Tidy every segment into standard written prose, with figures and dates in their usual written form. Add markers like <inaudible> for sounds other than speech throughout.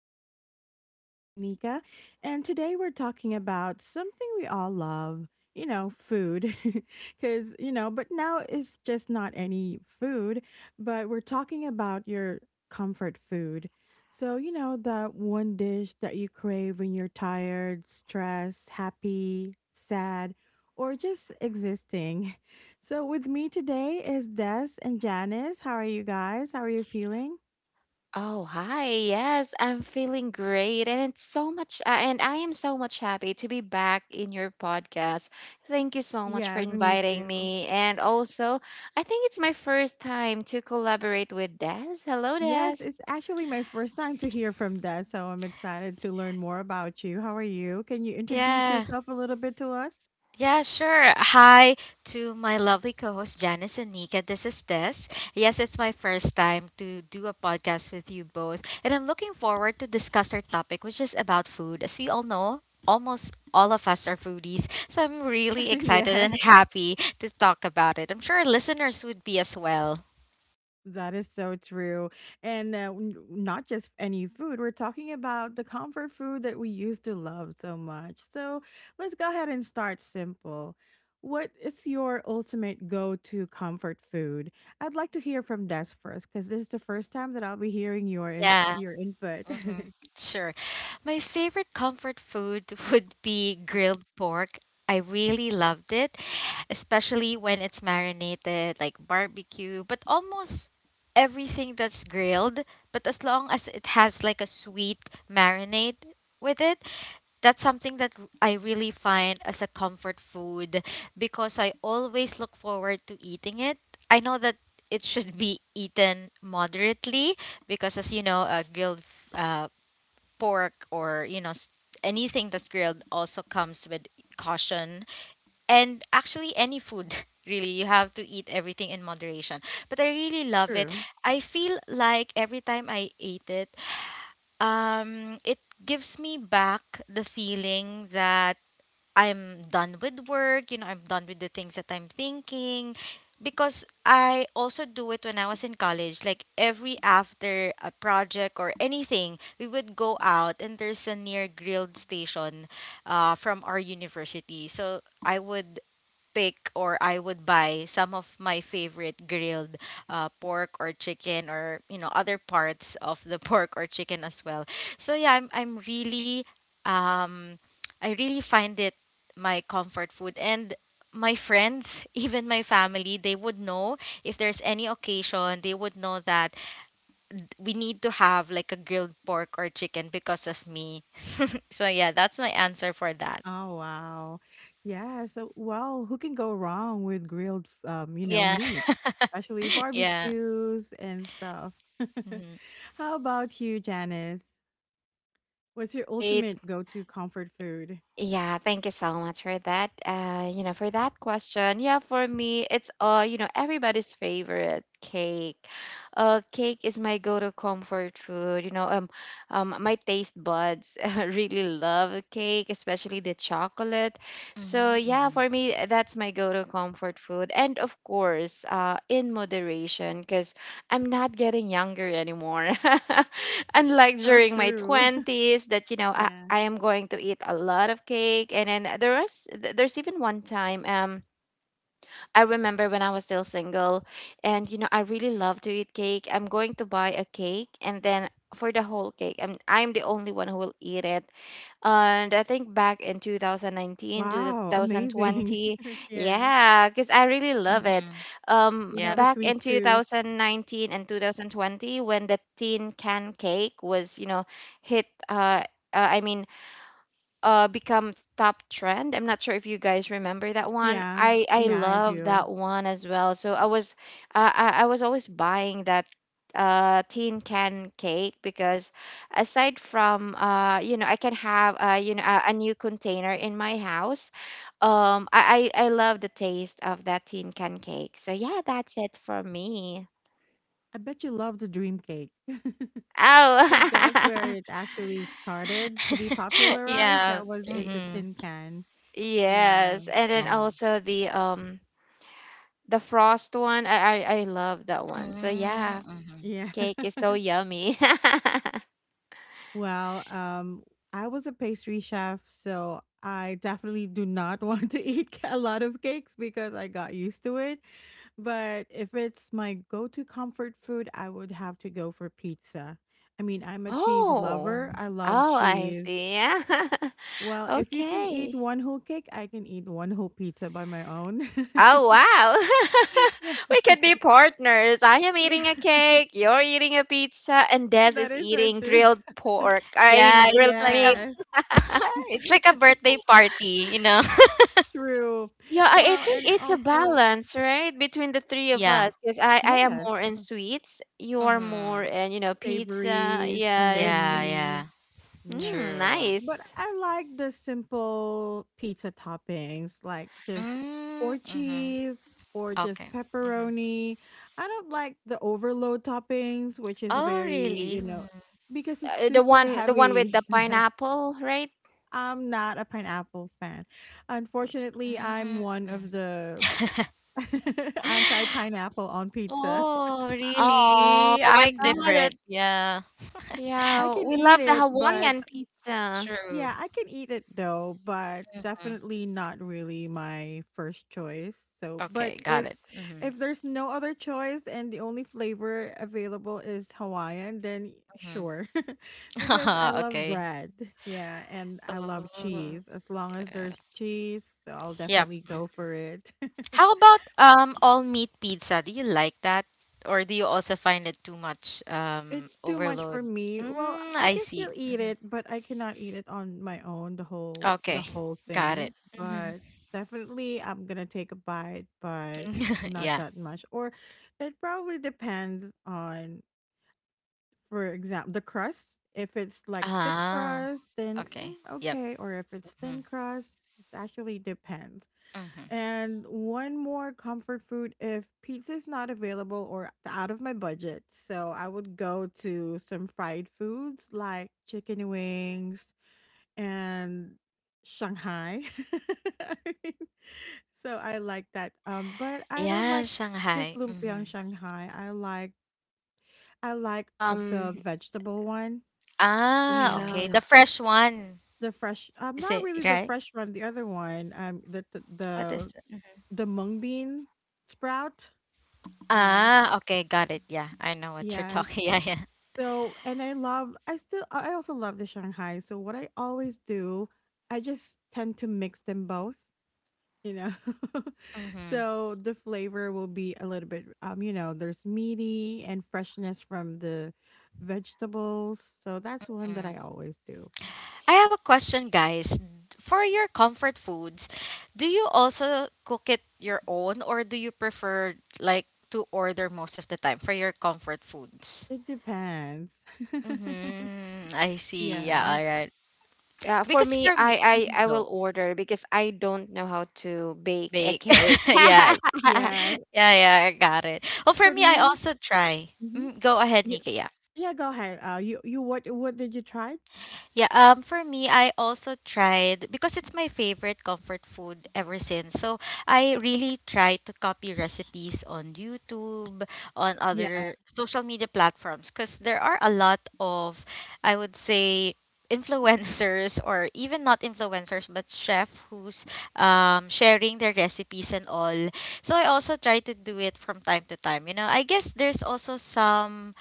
the podcast. I'm Nika, and today we're talking about something we all love, food. <laughs> But now it's just not any food, but we're talking about your comfort food. That one dish that you crave when you're tired, stressed, happy, sad, or just existing. <laughs> So, with me today is Des and Janice. How are you guys? How are you feeling? Oh, hi. Yes, I'm feeling great. And I am so much happy to be back in your podcast. Thank you so much for Yes, me inviting too. me. And also, I think it's my first time to collaborate with Des. Hello, Des. Yes, it's actually my first time to hear from that, so I'm excited to learn more about you. How are you? Can you introduce Yeah, yourself a little bit to us? yeah, sure. Hi to my lovely co host Janice and Nika. This is Tess. Yes, it's my first time to do a podcast with you both, and I'm looking forward to discuss our topic, which is about food. As we all know, almost all of us are foodies, so I'm really <laughs> excited and Yes, happy to talk about it. I'm sure listeners would be as well. that is so true. And not just any food, we're talking about the comfort food that we used to love so much. So let's go ahead and start simple. What is your ultimate go to comfort food? I'd like to hear from Des first because this is the first time that I'll be hearing Yeah. your input. <laughs> Mm-hmm. Sure. My favorite comfort food <laughs> would be grilled pork. I really loved it, especially when it's marinated, like barbecue, but almost everything that's grilled, but as long as it has like a sweet marinade with it, that's something that I really find as a comfort food because I always look forward to eating it. I know that it should be eaten moderately because, as you know, grilled pork or you know, anything that's grilled also comes with caution. And actually, any food <laughs> really, you have to eat everything in moderation. But I really love it. True. I feel like every time I eat it, it gives me back the feeling that I'm done with work. I'm done with the things that I'm thinking because I also do it when I was in college. Like every after a project or anything, we would go out and there's a near grilled station from our university. So I would pick or I would buy some of my favorite grilled pork or chicken or you know, other parts of the <laughs> pork or chicken as well. So yeah, I'm really um I really find it my comfort food and my friends, <laughs> even my family, they would know if there's any occasion, they would know that we need to have like a grilled pork or chicken because of me. <laughs> So yeah, that's my answer for that. Oh, wow. Yeah, so well, who can go wrong with grilled, Yeah. meat, especially <laughs> Yeah. barbecues and stuff. <laughs> Mhm. How about you, Janice? What's your Right. ultimate go-to comfort food? Yeah, thank you so much for that, for that question. Yeah, for me, it's you know, everybody's favorite cake. Cake is my go-to comfort food. My taste buds <laughs> really love cake, especially the chocolate. So Mhm, yeah, mhm, for me, that's my go-to comfort food, and, of course, in moderation, because I'm not getting younger anymore. <laughs> Unlike So during my true. twenties, that, you <laughs> know, I, Yeah. I am going to eat a lot of cake. And then there's even one time, I remember when I was still single, and, I really love to eat cake. I'm going to buy a cake, and then, for the whole cake, I'm the only one who will eat it. And I think back in 2019 Wow, amazing. 2020. <laughs> Yeah. Yeah, cuz I really love it. mhm. You have Yep. a Back sweet in tooth. 2019 and 2020, when the tin can cake was, you know, hit I mean become top trend. I'm not sure if you guys remember that one. Yeah. I Yeah, I love do. that one as well. So I was always buying that tin can cake, because, aside from, I can have, a new container in my house. I love the taste of that tin can cake. So yeah, that's it for me. I bet you love the dream cake. <laughs> 'Cause that's where Oh. <laughs> it actually started to be <laughs> popularized. Yeah. That was in the Mhm. tin can. Yeah. Yes, and then Yeah. also the, the frost one, I love that one. So Mm, yeah, mhm. Yeah. cake is so <laughs> yummy. <laughs> Well, I was a pastry chef, so I definitely do not <laughs> want to eat <laughs> a lot of cakes because I got used to it. But if it's my go to comfort food, I would have to go for pizza. I mean, I'm a cheese oh, lover, I love oh, I cheese. see. Yeah. <laughs> Well, if you can eat Okay. one whole cake, I can eat one whole pizza by my own. Oh, wow. <laughs> <laughs> Yeah. We could be partners. I am Yeah, eating a cake, you're eating a pizza, and <laughs> Des that is is so eating true. grilled pork. I Yeah, mean, it's grilled like a meat. Yes, <laughs> it's like a birthday party, you know? <laughs> <laughs> true. Yeah, I Well, think and it's a also, balance, right, between the three of Yeah. us. Because I am yes, more in sweets, you are more Mhm. in, pizza. savories and then Yes. Yeah, meat. yeah. Yeah. Mm, True. But nice. I like the simple pizza toppings, like just Mm, four mhm. cheese or Okay. just Mhm. pepperoni. I don't like the overload toppings, which is Oh, very, really? you know, because it's Uh, the super one the one with heavy, the <laughs> right? pineapple, right? I'm not a pineapple fan. Unfortunately, I'm Hmm. one of <sighs> the <laughs> anti-pineapple on pizza. Oh, Oh really? my I'm Yes. God. Different. Yeah. I Yeah, can we eat love the it, but Hawaiian pizza. True. yeah, I can eat it though, but Mhm. definitely not really my first choice. So, but Okay, got if it. Mhm. if there's no other choice and the only flavor available is Hawaiian, then sure. <laughs> Because I <laughs> love Okay. bread. Yeah, and I love Oh, cheese. As long as yeah. there's cheese, so I'll Yep. definitely Mm. go for it. <laughs> How about all meat pizza? Do you like that? Or do you also find it too much It's too much overload? for me. Well, Mm, I I can still see. eat it, but I cannot eat it on my own, the whole Okay. the whole Got thing. it. But definitely I'm gonna take a bite, but <laughs> not Yeah. that much. Or it probably depends on, for example, the crust. If it's like thick Ah. crust, then Okay. mm, Yep. okay. Or if it's hmm thin crust, it actually depends. hmm And one more comfort food if pizza's not available or out of my budget. So I would go to some fried foods like chicken wings and Shanghai. <laughs> I mean, so I like that. But I don't Yeah, like just Shanghai. lumpiang Shanghai. I like the Um, vegetable one. You Ah, know, okay. yeah. The fresh one. the fresh. Is Not it really the right? fresh one. The other one. What is it? Mhm. The mung bean sprout. You know, Ah, okay. Got it. Yeah. I know what you're yes. talking. <laughs> Yeah, yeah. So, and I also love the Shanghai. So, what I always do, I just tend to mix them both, you know. <laughs> hmm So, the flavor will be a little bit, you know, there's meaty and freshness from the vegetables. So, that's one that Mm. I always do. I have a question, guys. For your comfort foods, do you also cook it your own or do you prefer like to order most of the time for your comfort foods? It depends. Mm-hmm. I <laughs> see. Yeah, Yes. all right. Yeah, for Because me, for me, I I Mhm, I will go order because I don't know how to bake a bake. cake. <laughs> Yeah. <laughs> Yes. Yeah, yeah, I got it. Well, for For me, I me, also try. mhm. Mm, go ahead, You Nika. Yeah. yeah, go ahead. You you what did you try? Yeah, for me I also tried because it's my favorite comfort food ever since. So I really try to copy recipes on YouTube, on Yeah, of other social media platforms because there are a lot of I would say <laughs> influencers or even not influencers but chef who's sharing their recipes and all, so I also try to do it from time to time. You know, I guess there's also some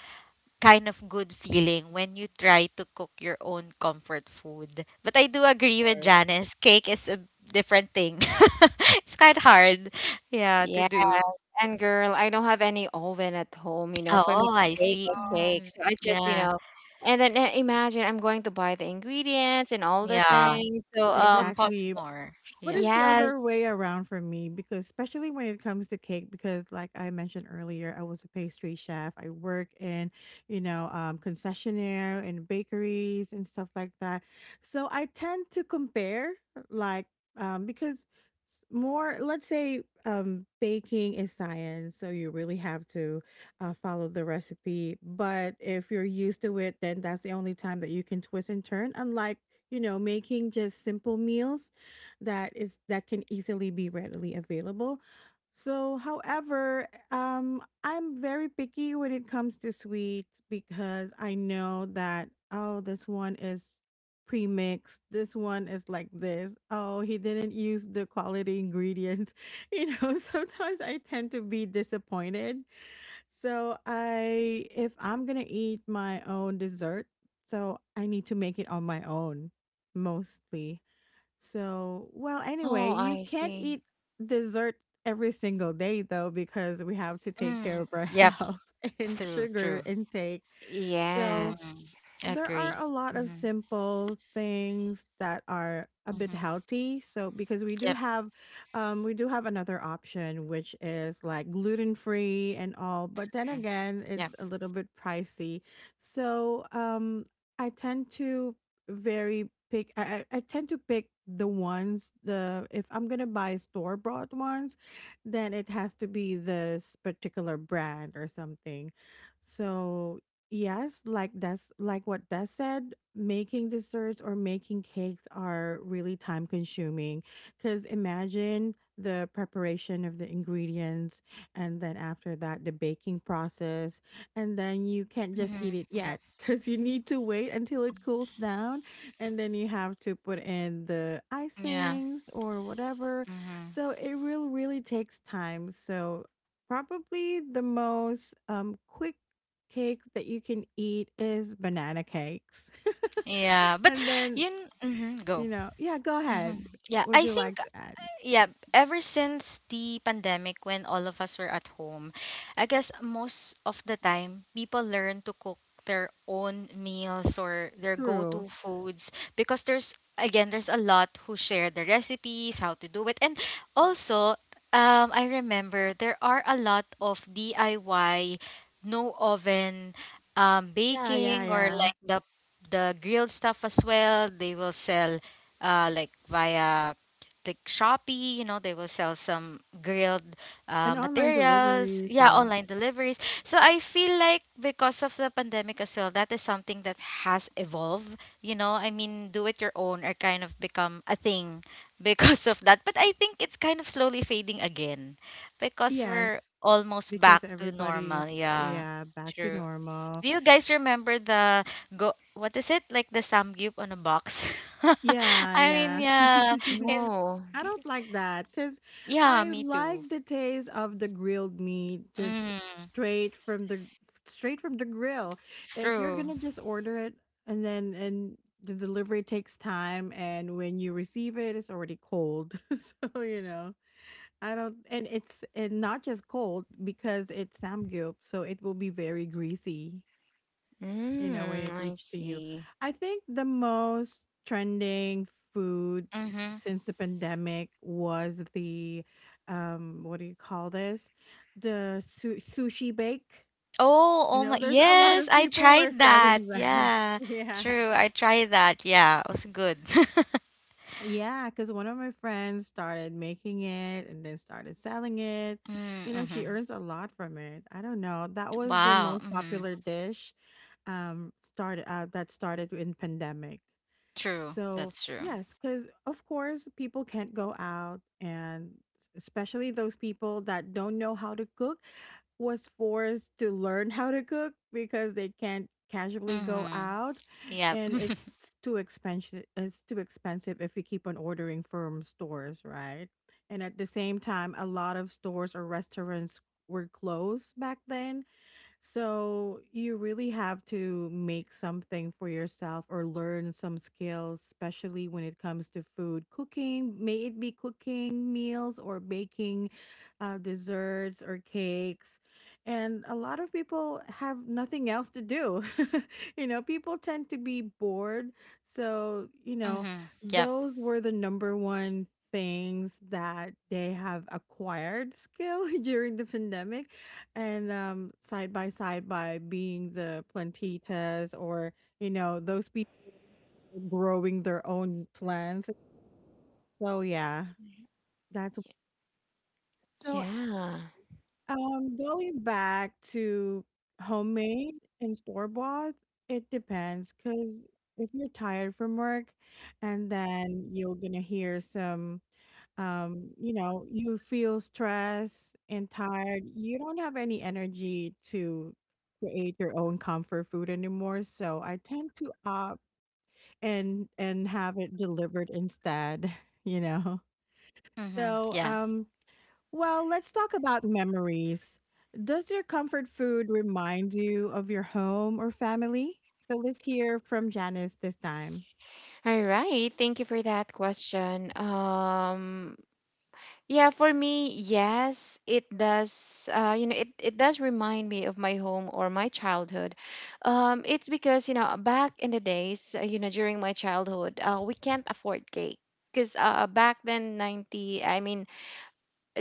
kind of good feeling when you try to cook your own comfort food. But I do agree with course. Janice, cake is a different thing. <laughs> It's quite hard, yeah, to Yeah, do. and girl, I don't have any oven at home, you know, for me Oh, to I bake see. a Oh, cake. So I just, you Yeah, know, and then, imagine I'm going to buy the ingredients and all the yeah. things. So, It will cost exactly. more. But Yeah. it's the other yes. way around for me, because especially when it comes to cake, because like I mentioned earlier, I was a pastry chef. I work in, you know, um, concessionaire and bakeries and stuff like that. So I tend to compare like because s- more let's say um, baking is science, so you really have to follow the recipe, but if you're used to it, then that's the only time that you can twist and turn, unlike, you know, making just simple meals that is that can easily be readily available. So, however, I'm very picky when it comes to sweets because I know that, oh, this one is pre-mixed. This one is like this. Oh, he didn't use the quality ingredients. <laughs> You know, <laughs> sometimes I tend to be disappointed. So, I if I'm gonna eat my own dessert, so I need to make it on my own mostly. So, well, anyway, Oh, you I can't eat see. dessert every single day though, because we have to take care Mm, of our <laughs> yep. health and True. sugar True. intake. So, hmm Yes. there are Agree. a lot of hmm simple things that are a bit hmm healthy. So because we do Yep. have um we do have another option which is like gluten free and all, but then mm, again, Yep. it's a little bit pricey. So um, I tend to very pick I, I tend to pick the ones the If I'm gonna buy store bought ones, then it has to be this particular brand or something. So yes, like that's like what Des said, making desserts or making cakes are really time consuming. Because imagine the preparation of the ingredients, and then after that, the baking process, and then you can't just hmm eat it Yep. yet because you need to wait until it cools down, and then you have to put in the Yeah. icings or whatever. hmm So it will really takes time. So probably the most quick cakes that you can eat is banana cakes. <laughs> Yeah. But And then, you. Go. you know. Yeah, go hmm ahead. Yeah. Would I you think like to add? yeah, ever since the pandemic when all of us were at home, I guess most of the time people learn to cook their own meals or their True. go-to foods because there's again there's a lot who share the recipes, how to do it. And also, I remember there are a lot of DIY no oven Yeah, yeah, baking or yeah. like the grilled stuff as well. They will sell like via like Shopee, you know, they will sell some grilled And online materials, deliveries, yeah, yeah. online deliveries. So I feel like because of the pandemic as well, that is something that has evolved. You know, I mean, do it your own or kind of become a thing <laughs> because of that. But I think it's kind of slowly fading again because we're Yes, almost back because to normal, everybody's yeah. yeah, back to True. normal. Do you guys remember the go what is it? Like the samgyup on a box? <laughs> Yeah, I mean, yeah. yeah, <laughs> it's Oh, I don't like that because yeah, I me like too. the taste of the grilled meat just Mm, straight from the grill. If you're true. gonna just order it and the delivery takes time, and when you receive it it's already cold. <laughs> So you know. I don't, and it's and not just cold because it's samgyup, so it will be very greasy, you know, when mm, it I reached to you. see. I think the most trending food Mm-hmm. since the pandemic was the what do you call this? The sushi bake. Oh, You oh know, my, there's a lot yes, of I people were tried that. selling that. <laughs> Yeah, Yeah. true. I tried that. Yeah, it was good. <laughs> Yeah, because one of my friends started making it and then started selling it. You know, she Mm-hmm. earns a lot from it. I don't know. That was the Wow. most Mm-hmm. popular dish started that started in pandemic. True. So, That's true. yes, because of course, people can't go out, and especially those people that don't know how to cook was forced to learn <laughs> how to cook because they can't casually go Mm-hmm. out, Yep. and it's <laughs> too expensive it's too expensive if you keep on ordering from stores, right? And at the same time, a lot of stores or restaurants were closed back then, so you really have to make something for yourself or learn some skills, especially when it comes to food cooking. May it be cooking meals or baking desserts or cakes. And a lot of people have nothing else to do. <laughs> You know, people tend to be bored. So, you know, Mm-hmm. Yep. those were the number one things that they have acquired skill <laughs> during the pandemic and side by side by being the plantitas, or you know, those people growing their own plants. So yeah, that's so. Yeah. Going back to homemade and store bought, it depends, because if you're tired from work, and then you're gonna hear some um, you know, you feel stressed and tired, you don't have any energy to create your own comfort food anymore, so I tend to opt and have it delivered instead. <laughs> You know. Mm-hmm. So Yeah. um, well, let's talk about memories. Does your comfort food remind you of your home or family? So let's hear from Janice this time. All right. Thank you for that question. Yeah, for me, yes, it does. You know, it does remind me of my home or my childhood. It's because, you know, back in the days, during my childhood, we can't afford cake. Because, back then,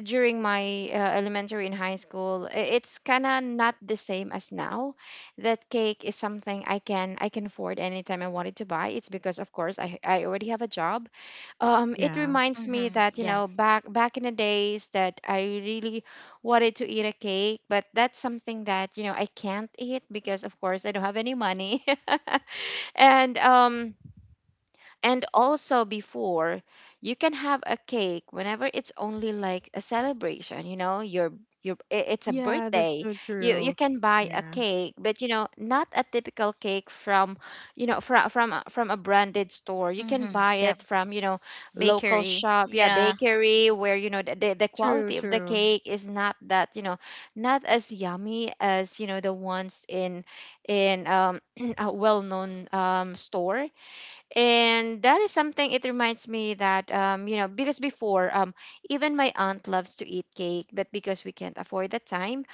during my, elementary and high school, it's kind of not the same as now, that cake is something I can afford anytime I wanted to buy. It's because, of course, I already have a job. It Yeah, reminds me Mm-hmm. that, you Yeah. know, back in the days, that I really wanted to eat a cake, but that's something that, I can't eat because, of course, I don't have any money. <laughs> and um and also, before, you can have a cake whenever it's only like a celebration, your it's a yeah, that's birthday. so You true. can buy a Yeah, cake, but, you know, not a typical cake from, from a branded store. You can Mm-hmm. buy it Yep. from, local Bakery. shop, yeah, Yeah. bakery where, the true, quality of the true. cake is not that, not as yummy as, the ones in, in <clears throat> a well-known, store. And that is something. It reminds me that, because before, even my aunt loves to eat cake, but because we can't afford the time,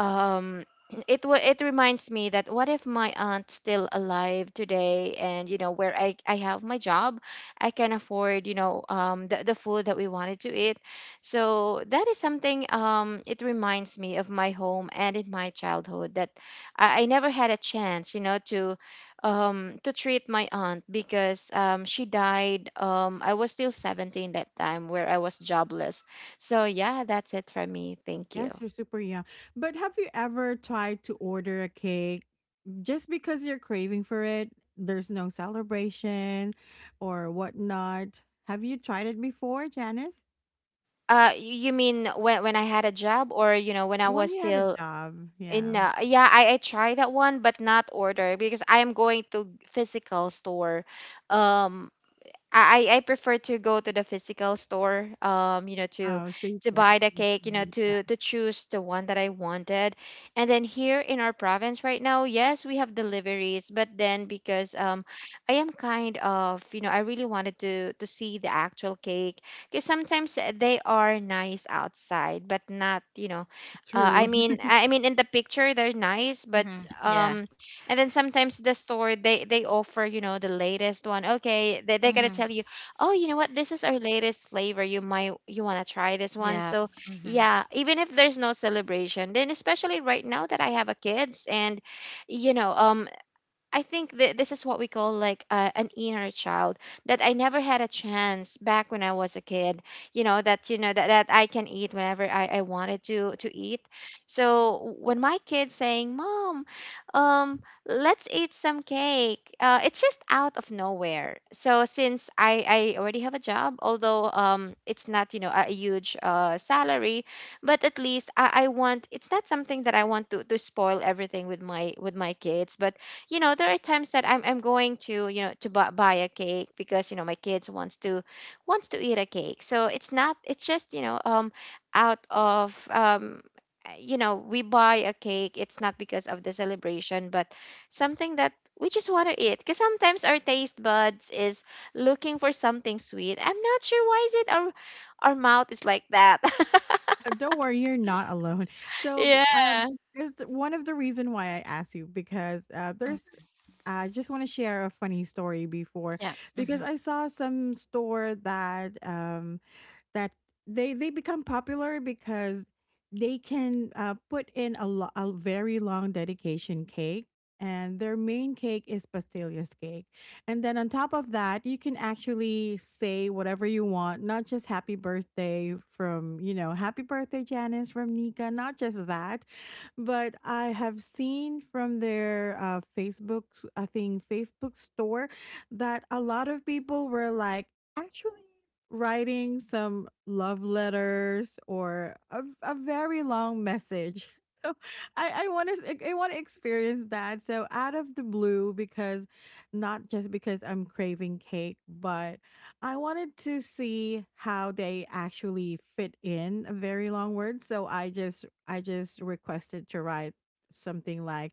um it reminds me that, what if my aunt's still alive today, and, you know, where I have my job, I can afford, you know, the food that we wanted to eat. So that is something. It reminds me of my home and in my childhood, that I never had a chance, you know, to treat my aunt, because, she died. I was still 17 that time, where I was jobless. So yeah, that's it for me. Thank you. Yes, you're super young. But have you ever tried to order a cake just because you're craving for it? There's no celebration or whatnot. Have you tried it before, Janice? You mean when I had a job, or, when I When was you had a still job, in? yeah. Yeah, I tried that one, but not order, because I am going to physical store. um, I prefer to go to the physical store, to Oh, so you to can buy the actually cake, you know, see. Yeah, to to choose the one that I wanted. And then, here in our province right now, yes, we have deliveries, but then, because, I am kind of, I really wanted to see the actual cake, because sometimes, they are nice outside, but not, you know, uh, I true. mean, I I mean in the picture they're nice, but, Mm-hmm. Yeah. um and then, sometimes, the store, they offer, you know, the latest one. Okay, they're gonna Mm-hmm. tell you, "Oh, you know what, this is our latest flavor, you want to try this one." Yep. So, Mm-hmm. yeah, even if there's no celebration, then, especially right now, that I have a kids, and, you know um I think, this is what we call like, an inner child, that I never had a chance back when I was a kid. You know that I can eat whenever I wanted to eat. So when my kid's saying, "Mom, let's eat some cake," it's just out of nowhere. So, since I already have a job, although, it's not, you know, a huge, salary. But at least, I want it's not something that I want to spoil everything with, my kids. But, you know, there are times that I'm going to, you know, to buy, buy a cake, because, you know, my kids wants to, eat a cake. So it's not, it's just, out of, you know, we buy a cake. It's not because of the celebration, but something that we just want to eat, because sometimes our taste buds is looking for something sweet. I'm not sure why is it our mouth is like that. <laughs> <laughs> Don't worry, you're not alone. So, Yeah. One of the reason why I asked you because there's. Mm-hmm. I just want to share a funny story before Yep. because Mm-hmm. I saw some store that that they become popular because they can put in a very long dedication cake, and their main cake is pastillas cake. And then on top of that, you can actually say whatever you want, not just happy birthday from, happy birthday Janice from Nika, not just that. But I have seen from their Facebook, I think Facebook store, that a lot of people were like, actually, writing some love letters or a very long message. <laughs> So I want to experience that. So out of the blue, because not just because I'm craving cake, but I wanted to see how they actually fit in a very long word. So I just requested to write something like,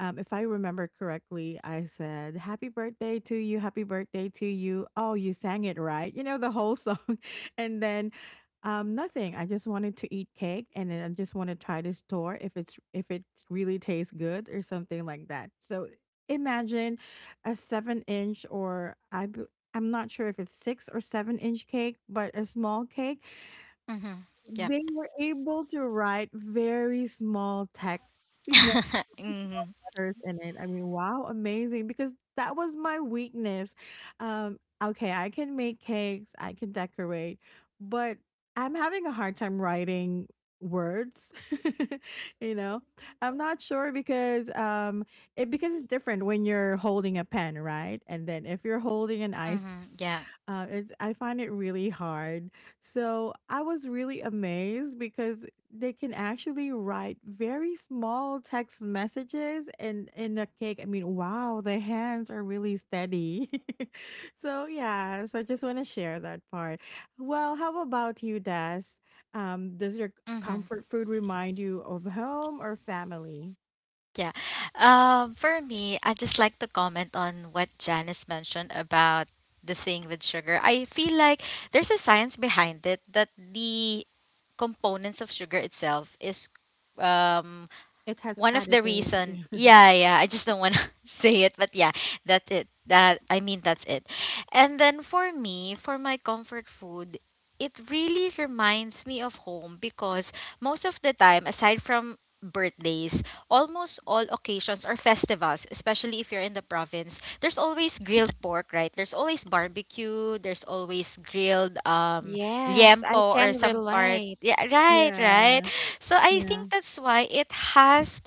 if I remember correctly, I said, "Happy birthday to you, happy birthday to you." Oh, you sang it right. You know, the whole song. <laughs> And then, nothing. I just wanted to eat cake and then I just want to try this store if it's if it really tastes good or something like that. So imagine a seven inch, or I'm not sure if it's six or seven-inch cake, but a small cake. Mm-hmm. Yep. They were able to write very small text, <laughs> you know, <laughs> Mm-hmm. letters in it. I mean, wow, amazing, because that was my weakness. Okay, I can make cakes, I can decorate, but I'm having a hard time writing words. <laughs> You know, I'm not sure because, it, because it's different when you're holding a pen, right? And then if you're holding an ice, Mhm. Yeah. It's, I find it really hard. So I was really amazed because they can actually write very small text messages and in a cake. I mean, wow, the hands are really steady. <laughs> So yeah, so I just want to share that part. Well, how about you, Des? Does your Mhm. comfort food remind you of home or family? Yeah. For me, I just like to comment on what Janice mentioned about the thing with sugar. I feel like there's a science behind it that the components of sugar itself is um It has one of the reason. additive. <laughs> Yeah, yeah, I just don't want to <laughs> say it, but yeah, that's it. That i mean that's it. And then for me, for my comfort food, it really reminds me of home because most of the time aside from birthdays, almost all occasions or festivals, especially if you're in the province, there's always grilled pork, right? There's always barbecue, there's always grilled Yes, I liempo or can some part, relate. yeah, right, right. Yeah, So I yeah, yeah. think that's why it has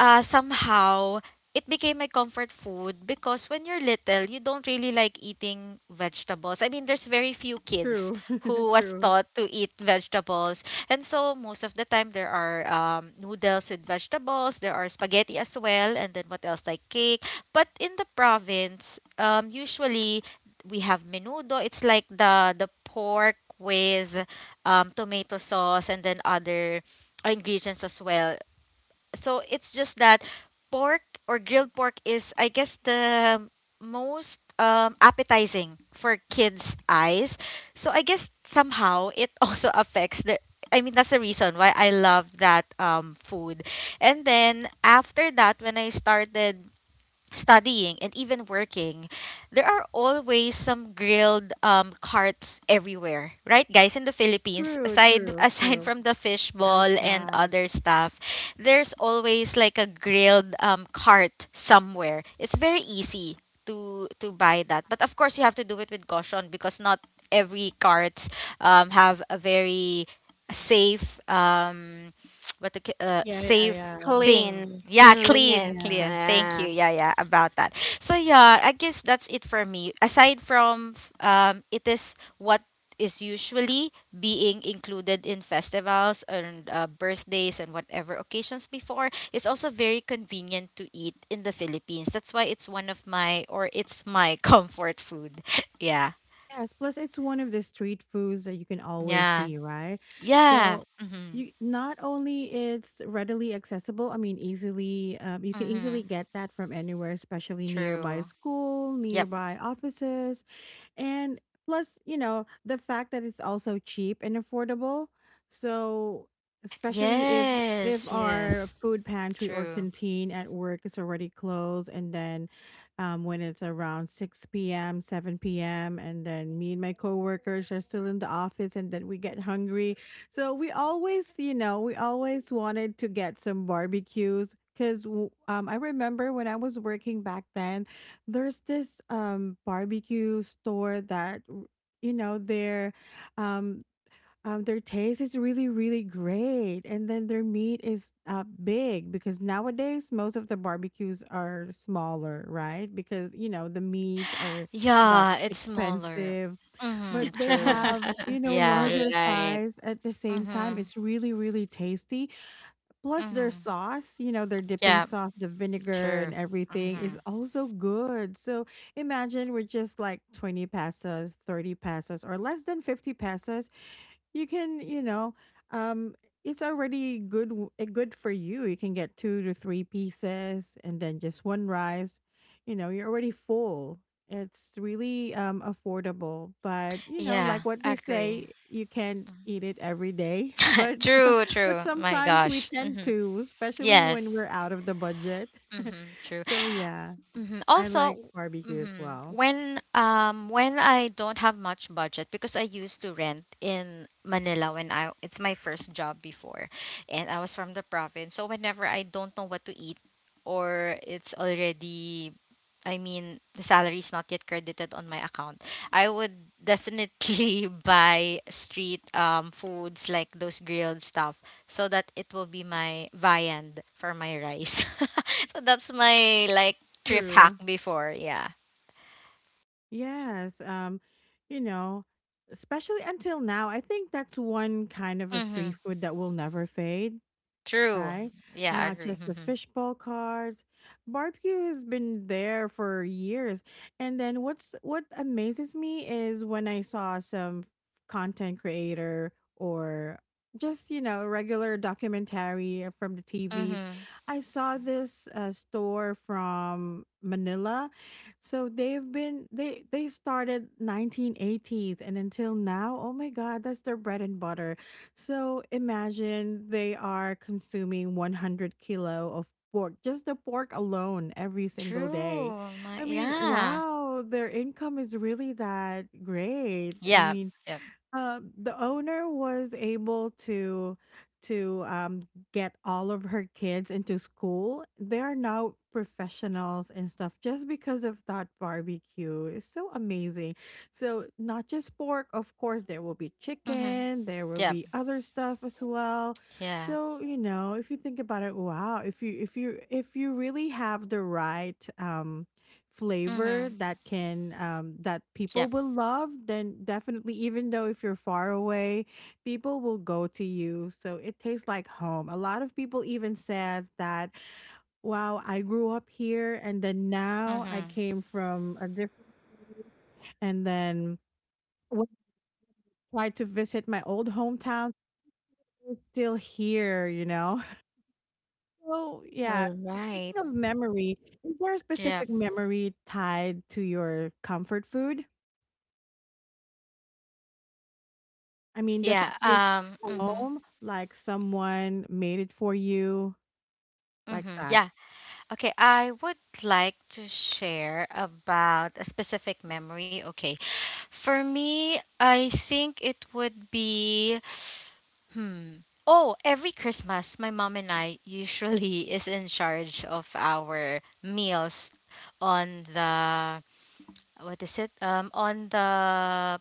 somehow it became my comfort food because when you're little, you don't really like eating vegetables. I mean, there's very few kids True, <laughs> who was true. taught to eat vegetables. And so most of the time there are noodles with vegetables, there are spaghetti as well, and then what else like cake. But in the province, usually we have menudo. It's like the pork with tomato sauce and then other ingredients as well. So it's just that pork or grilled pork is, I guess, the most appetizing for kids' eyes, so I guess somehow it <laughs> also affects the I mean that's the reason why I love that food. And then after that when I started studying and even working, there are always some grilled carts everywhere, right, guys? In the Philippines, True, aside <laughs> true, aside true. from the fishball and Outside. other stuff, there's always like a grilled cart somewhere. It's very easy to buy that, but of course you have to do it with caution because not every carts have a very safe Yeah, yeah, safe yeah. thing. Clean, Yeah, clean, cleanliness. Yeah. clear. Thank Yeah. you. Yeah, yeah, about that. So yeah, I guess that's it for me. Aside from it is what is usually being included in festivals and birthdays and whatever occasions before, it's also very convenient to eat in the Philippines. That's why it's one of my or it's my <laughs> comfort food. <laughs> Yeah. Yes. Plus, it's one of the street foods that you can always Yeah. see, right? Yeah. So, Mhm. you not only it's readily accessible. I mean, easily. You can easily Mhm. get that from anywhere, especially nearby True. school, Yep. nearby offices. And plus, you know, the fact that it's also cheap and affordable. So, especially if Yes, our yes. food pantry or True. canteen at work is already closed, and then, when it's around 6 p.m, 7 p.m, and then me and my coworkers are still in the office and then we get hungry, so we always, you know, we always wanted to get some barbecues because, I remember when I was working back then, there's this barbecue store that, you know, um their taste is really really great, and then their meat is big, because nowadays most of the barbecues are smaller, right? Because you know the meats are got Yeah, it's smaller. expensive, but Mm-hmm, they true. have, <laughs> you know, Yeah. larger Right. size, at the same time Mm-hmm. it's really really tasty. Plus their Mm-hmm. sauce, you know, their dipping Yeah, sauce, the vinegar and true. everything Mm-hmm. is also good. So imagine we're just like 20 pesos, 30 pesos, or less than 50 pesos. You can, you know, um, it's already good good for you. You can get two to three pieces and then just one rice. You know, you're already full. It's really affordable, but you know, Yeah, like what they agree. say, you can't eat it every day, <laughs> but <laughs> True, <laughs> but true. My sometimes we gosh. tend Mm-hmm. to, especially Yes. when we're out of the budget. <laughs> Mm-hmm. True. So yeah, I Also, like barbecue as mhm, well. when I don't have much budget because I used to rent in Manila when I it's my first job before, and I was from the province. So whenever I don't know what to eat or it's already I mean the salary is not yet credited on my account, I would definitely <laughs> buy street foods like those grilled stuff so that it will be my viand for my rice. <laughs> So that's my like thrift hack True. before. Yeah. Yes. You know, especially until now, I think that's one kind of a Mm-hmm. street food that will never fade, True. right? Yeah, I Not agree. just the Mm-hmm. fishbowl cards. Barbecue has been there for years. And then what amazes me is when I saw some content creator, or just, you know, a regular documentary from the TVs. Mm-hmm. I saw this store from Manila. So they started 1980s and until now, oh my god, that's their bread and butter. So imagine they are consuming 100 kilo of pork, just the pork alone every single day. True. My, I mean, yeah. wow, their income is really that great. I Yeah. mean, Yep. The owner was able to get all of her kids into school. They are now professionals and stuff just because of that barbecue. It's so amazing. So not just pork, of course, there will be Mm-hmm. chicken, there will Yep. be other stuff as well. Yeah. So, you know, if you think about it, wow, if you if you really have the right flavor Mm-hmm. that can that people Yep. will love, then definitely, even though if you're far away, people will go to you. So it tastes like home. A lot of people even says that, wow, I grew up here, and then now I Mm-hmm. came from a different, and then, when I tried to visit my old hometown, it's still here, you know? <laughs> So, yeah. All So right. speaking of memory, is there a Yep. specific memory tied to your comfort food? I mean, does it Yeah. feel like Mm-hmm. home? Like someone made it for you, like Mm-hmm. that? Yeah. Okay. I would like to share about a specific memory. Okay. For me, I think it would be Hmm. Oh, every Christmas, my mom and I usually <laughs> is in charge of our meals on the what is it? On the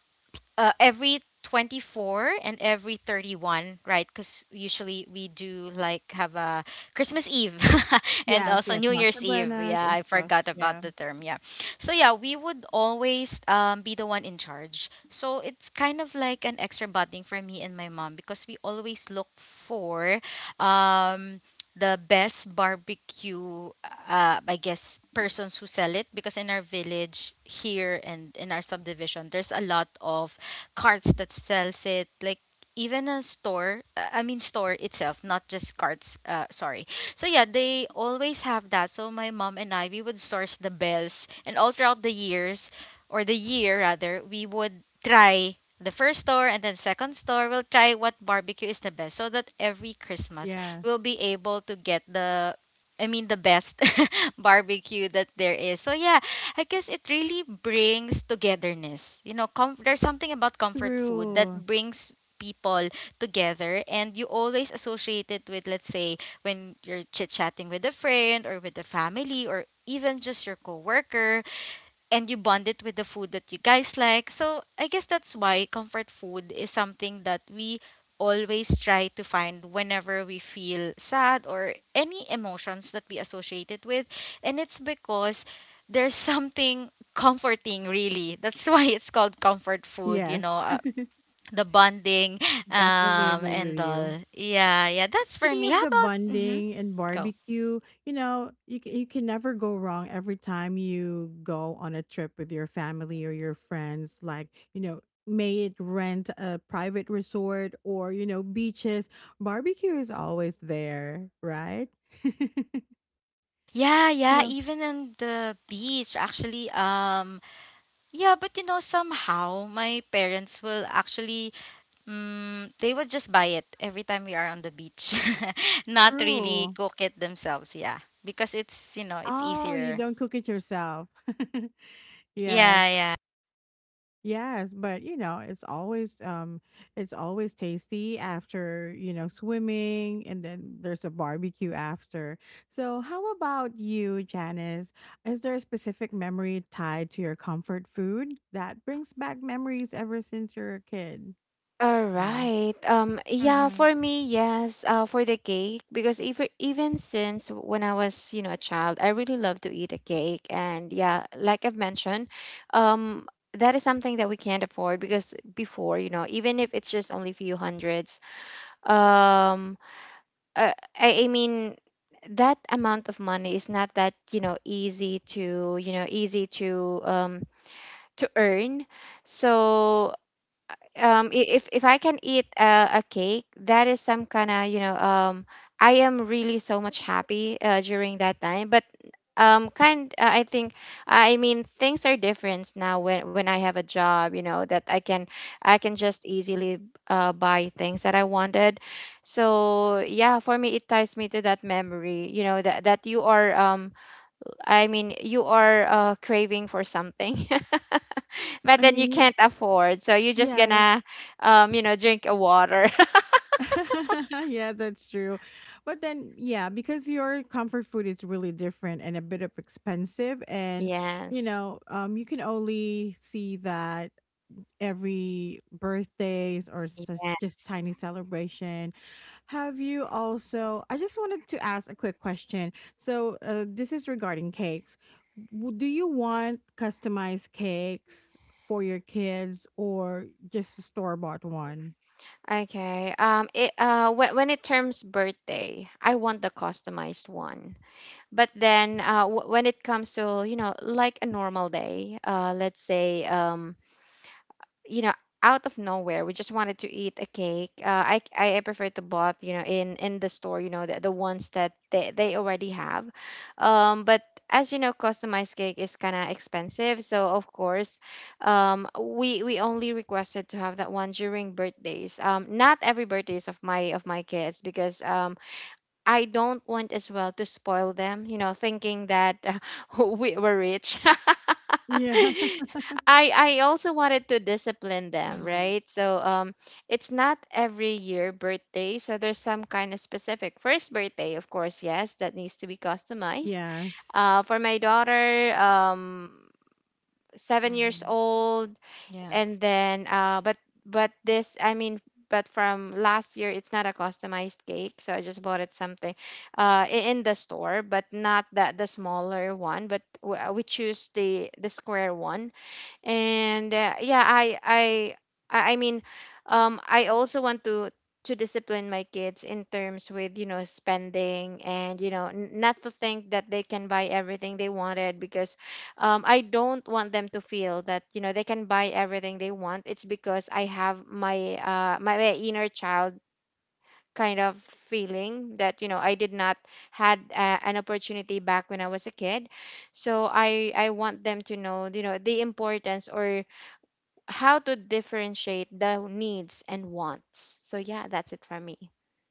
every 24 and every 31, right? Because usually we do like have a Christmas Eve <laughs> and Yes, also yes, New Noche Year's Eve. Buenas Yeah, and I stuff. forgot about Yeah, the term. Yeah, so yeah, we would always be the one in charge, so it's kind of like an extra bonding for me and my mom because we always look for um, the best barbecue I guess persons who sell it, because in our village here and in our subdivision there's a lot of carts that sells it, like even a store, I mean store itself, not just carts. Sorry. So yeah, they always have that, so my mom and I, we would source the bells and all throughout the years, or the year rather. We would try the first store and then second store. We will try what barbecue is the best, so that every Christmas yes, we'll be able to get the, I mean the best <laughs> barbecue that there is. So yeah, I guess it really brings togetherness. You know, there's something about comfort food that true. brings people together, and you always associate it with, let's say when you're chit-chatting with a friend or with the family or even just your coworker, and you bond it with the food that you guys like. So I guess that's why comfort food is something that we always try to find whenever we feel sad or any emotions that we associate it with. And it's because there's <laughs> something comforting, really. That's <laughs> why it's called comfort food, you Yes, know. <laughs> The bonding <laughs> definitely agree with and you. all. Yeah, yeah, that's for Speaking me. of How the about, mm-hmm, bonding and go. barbecue, you know, you can never go wrong every time you go on a trip with your family or your friends. Like, you know, may it rent a private resort, or, you know, beaches, barbecue is always there, right? <laughs> Yeah, yeah, No, even in the beach actually, yeah, but you know, somehow my parents will actually, they will just buy it every time we are on the beach, <laughs> not really true. cook it themselves. Yeah, because it's, you know, it's Oh, you easier. don't cook it yourself. <laughs> <laughs> Yes. Yeah, yeah. Yes, but you know, it's always tasty after, you know, swimming and then there's a barbecue after. So, how about you, Janice? Is there a specific memory tied to your comfort food that brings back memories ever since you're a kid? All Yeah. right. Yeah, Mhm. for me, yes, for the cake, because, even since when I was, a child, I really love to eat a cake. And yeah, like I've mentioned, that is something that we can't afford, because before, even if it's just only few hundreds, um uh, I mean, that amount of money is not that, you know, easy to, you know, easy to earn. So, if I can eat, a cake, that is some kind of, I am really so much happy, during that time. But, kind I think, I mean, things are different now, when I have a job, you know that I can just easily, buy things that I wanted. So yeah, for me, it ties me to that memory, that you are, I mean, you are, craving for something. <laughs> But I then, you mean, you, can't afford, so you're just yes. gonna, you know, drink a water. <laughs> <laughs> Yeah, that's true. But then, yeah, because your comfort food is really different and a bit of expensive, and you Yes. know, you can only see that every birthdays or Yeah. just tiny celebration. Have you also? I just wanted to ask a quick question. So, this is regarding cakes. Do you want customized cakes for your kids, or just a store bought one? Okay. It When it terms birthday, I want the customized one. But then, when it comes to, you know, like a normal day, let's say, you know, out of nowhere, we just wanted to eat a cake, I prefer to bought, you know, in the store, you know, the ones that they already have. But, as you know, customized cake is kind of expensive, so, of course, we only requested to have that one during birthdays, not every birthdays of, my kids, because, I don't want, as well, to spoil them, you know, thinking that, <laughs> we were rich. <laughs> Yeah. I also wanted to discipline them, Mhm. right? So, it's not every year birthday, so there's some kind of specific first birthday, of course, yes, that needs to be customized. Yes. For my daughter, 7 years Mhm. old, Yeah. and then but this I mean but from last year it's not a customized cake, so I just bought it something in the store, but not that the smaller one, but we choose the square one. And yeah, I mean I also want to discipline my kids in terms with, you know, spending, and, you know, not to think that they can buy everything they wanted, because I don't want them to feel that, you know, they can buy everything they want. It's because I have my my inner child kind of feeling that, you know, I did not had an opportunity back when I was a kid. So I want them to know, you know, the importance or how to differentiate the needs and wants. So yeah, that's it for me.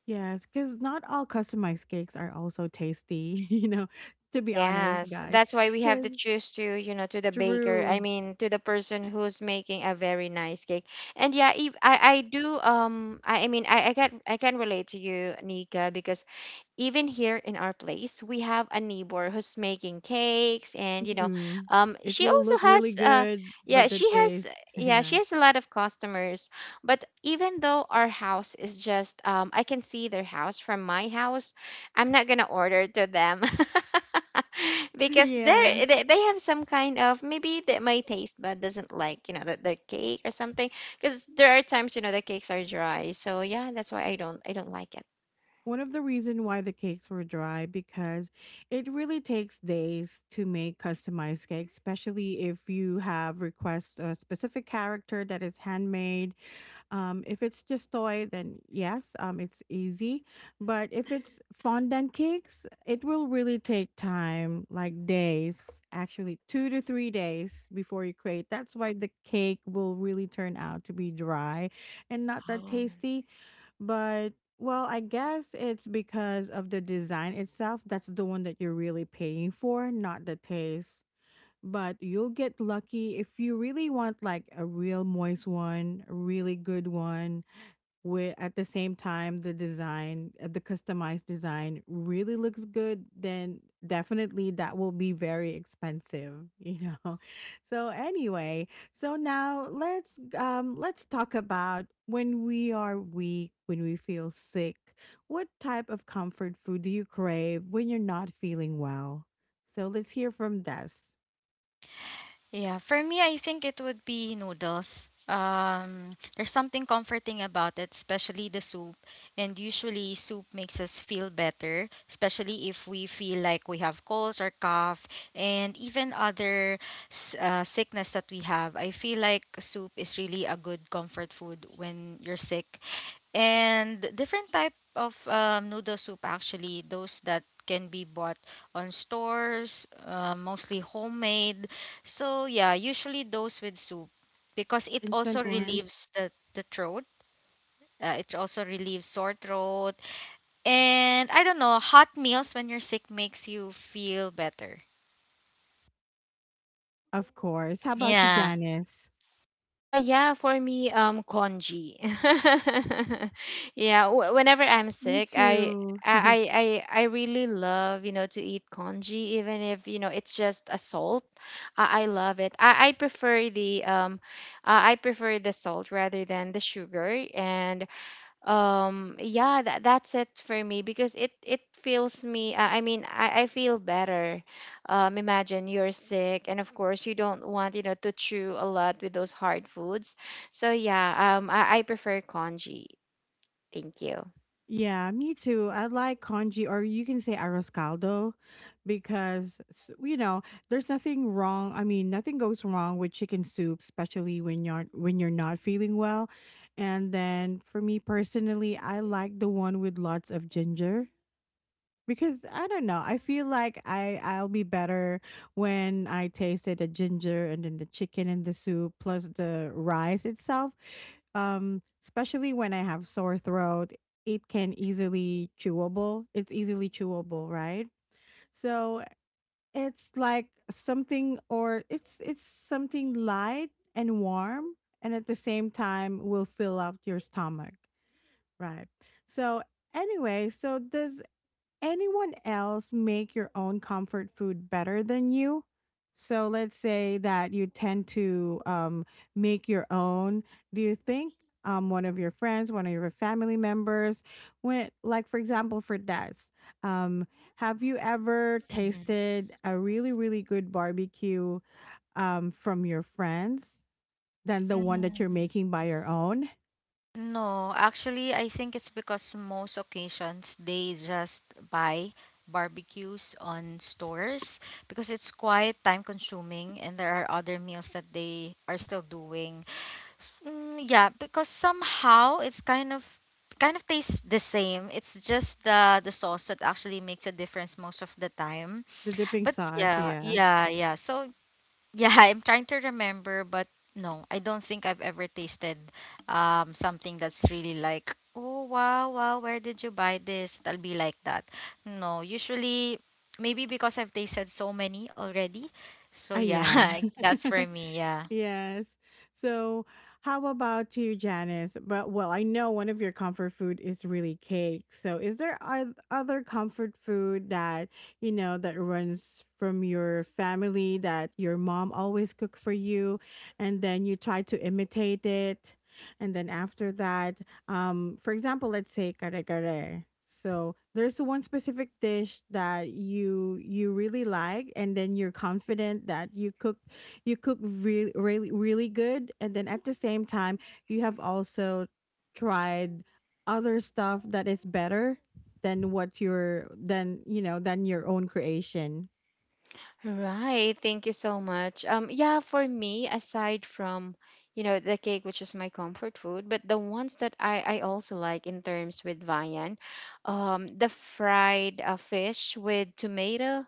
Yes, because not all customized cakes are also tasty, <laughs> you know, to be honest, Yes, guys. that's why we have to Because choose to, you know, to the baker. I Drew, mean, to the person who's making a very nice cake. And yeah, if I do I can I can relate to you, Nika, because even here in our place, we have a neighbor who's making cakes, and, you know, mhm, it she will also look really has good, yeah but the she has taste, <laughs> yeah, yeah. she <laughs> has a lot of customers, but even though our house is just I can see their house from my house, I'm not gonna order to them, <laughs> because Yeah. They have some kind of, maybe that my taste bud doesn't like, you know, the cake or something, because there are times, you know, the cakes are dry. So yeah, that's why I don't like One of the reason why the cakes were dry, because it really takes days to make customized cakes, especially if you have request a specific character that is handmade. If it's just toy, then yes, it's easy. But if it's fondant cakes, it will really take time, like days, actually 2 to 3 days before you create. That's why the cake will really turn out to be dry and not that it. tasty. But well, I guess it's because of the design itself. That's the one that you're really paying for, not the taste, but you'll get lucky if you really want like a real moist one, a really good one, with at the same time the design, the customized design really looks good, then definitely that will be very expensive, you know. <laughs> So anyway, so now let's talk about when we are weak, when we feel sick, what type of comfort food do you crave when you're not feeling well? So let's hear from Des. Yeah, for me, I think it would be noodles. There's something comforting about it, especially the soup. And usually, soup makes us feel better, especially if we feel like we have colds or cough, and even other sickness that we have. I feel like soup is really a good comfort food when you're sick, and different type of noodle soup, actually those that can be bought on stores, mostly homemade. So yeah, usually those with soup, because it also Instant ones, relieves the throat, it also relieves sore throat. And I don't know, hot meals when you're sick makes you feel better. of course. How about you, Yeah. Janice? Yeah, for me, congee. <laughs> Yeah, whenever I'm Me sick, too. <laughs> I really love, you know, to eat congee even if, you know, it's just a salt. I love it. I prefer the salt rather than the sugar. And yeah, that's it for me, because it feels me I mean I feel better. Imagine you're sick, and of course you don't want, you know, to chew a lot with those hard foods. So yeah, I prefer congee. Thank you. Yeah, me too. I like congee, or you can say arroz caldo, because, you know, there's nothing wrong. I mean, nothing goes wrong with chicken soup, especially when you're not feeling well. And then for me personally, I like the one with lots of ginger. Because I don't know, I feel like I'll be better when I tasted the ginger and then the chicken and the soup plus the rice itself. Especially when I have sore throat, it can easily chewable. It's easily chewable, right? So it's like something, or it's something light and warm, and at the same time will fill up your stomach, right? So anyway, so does anyone else make your own comfort food better than you? So let's say that you tend to, make your own. Do you think, one of your friends, one of your family members, went like, for example for dads, um, have you ever tasted a really really good barbecue, from your friends, than the one that you're Hmm. making by your own? No, actually, I think it's because most occasions they just buy barbecues on stores because it's quite time consuming and there are other meals that they are still doing. Mm, yeah, because somehow it's kind of tastes the same. It's just the sauce that actually makes a difference most of the time. The dipping But sauce, yeah, yeah, yeah, yeah. So yeah, <laughs> I'm trying to remember, but no, I don't think I've ever tasted something that's really like, oh wow, wow, where did you buy this? That'll be like that. No, usually maybe because I've tasted so many already. So yeah, yeah. <laughs> that's for <laughs> me. Yeah. Yes. So, how about you, Janice? But well, I know one of your comfort food is really cake. So, is there other comfort food that you know that runs from your family that your mom always cooked for you, and then you try to imitate it, and then after that, for example, let's say kare kare. So there's one specific dish that you really like, and then you're confident that you cook really really really good and then at the same time you have also tried other stuff that is better than what your than you know than your own creation. Right, thank you so much. Yeah, for me, aside from, you know, the cake, which is my comfort food, but the ones that I also like in terms with Vian, the fried fish with tomato.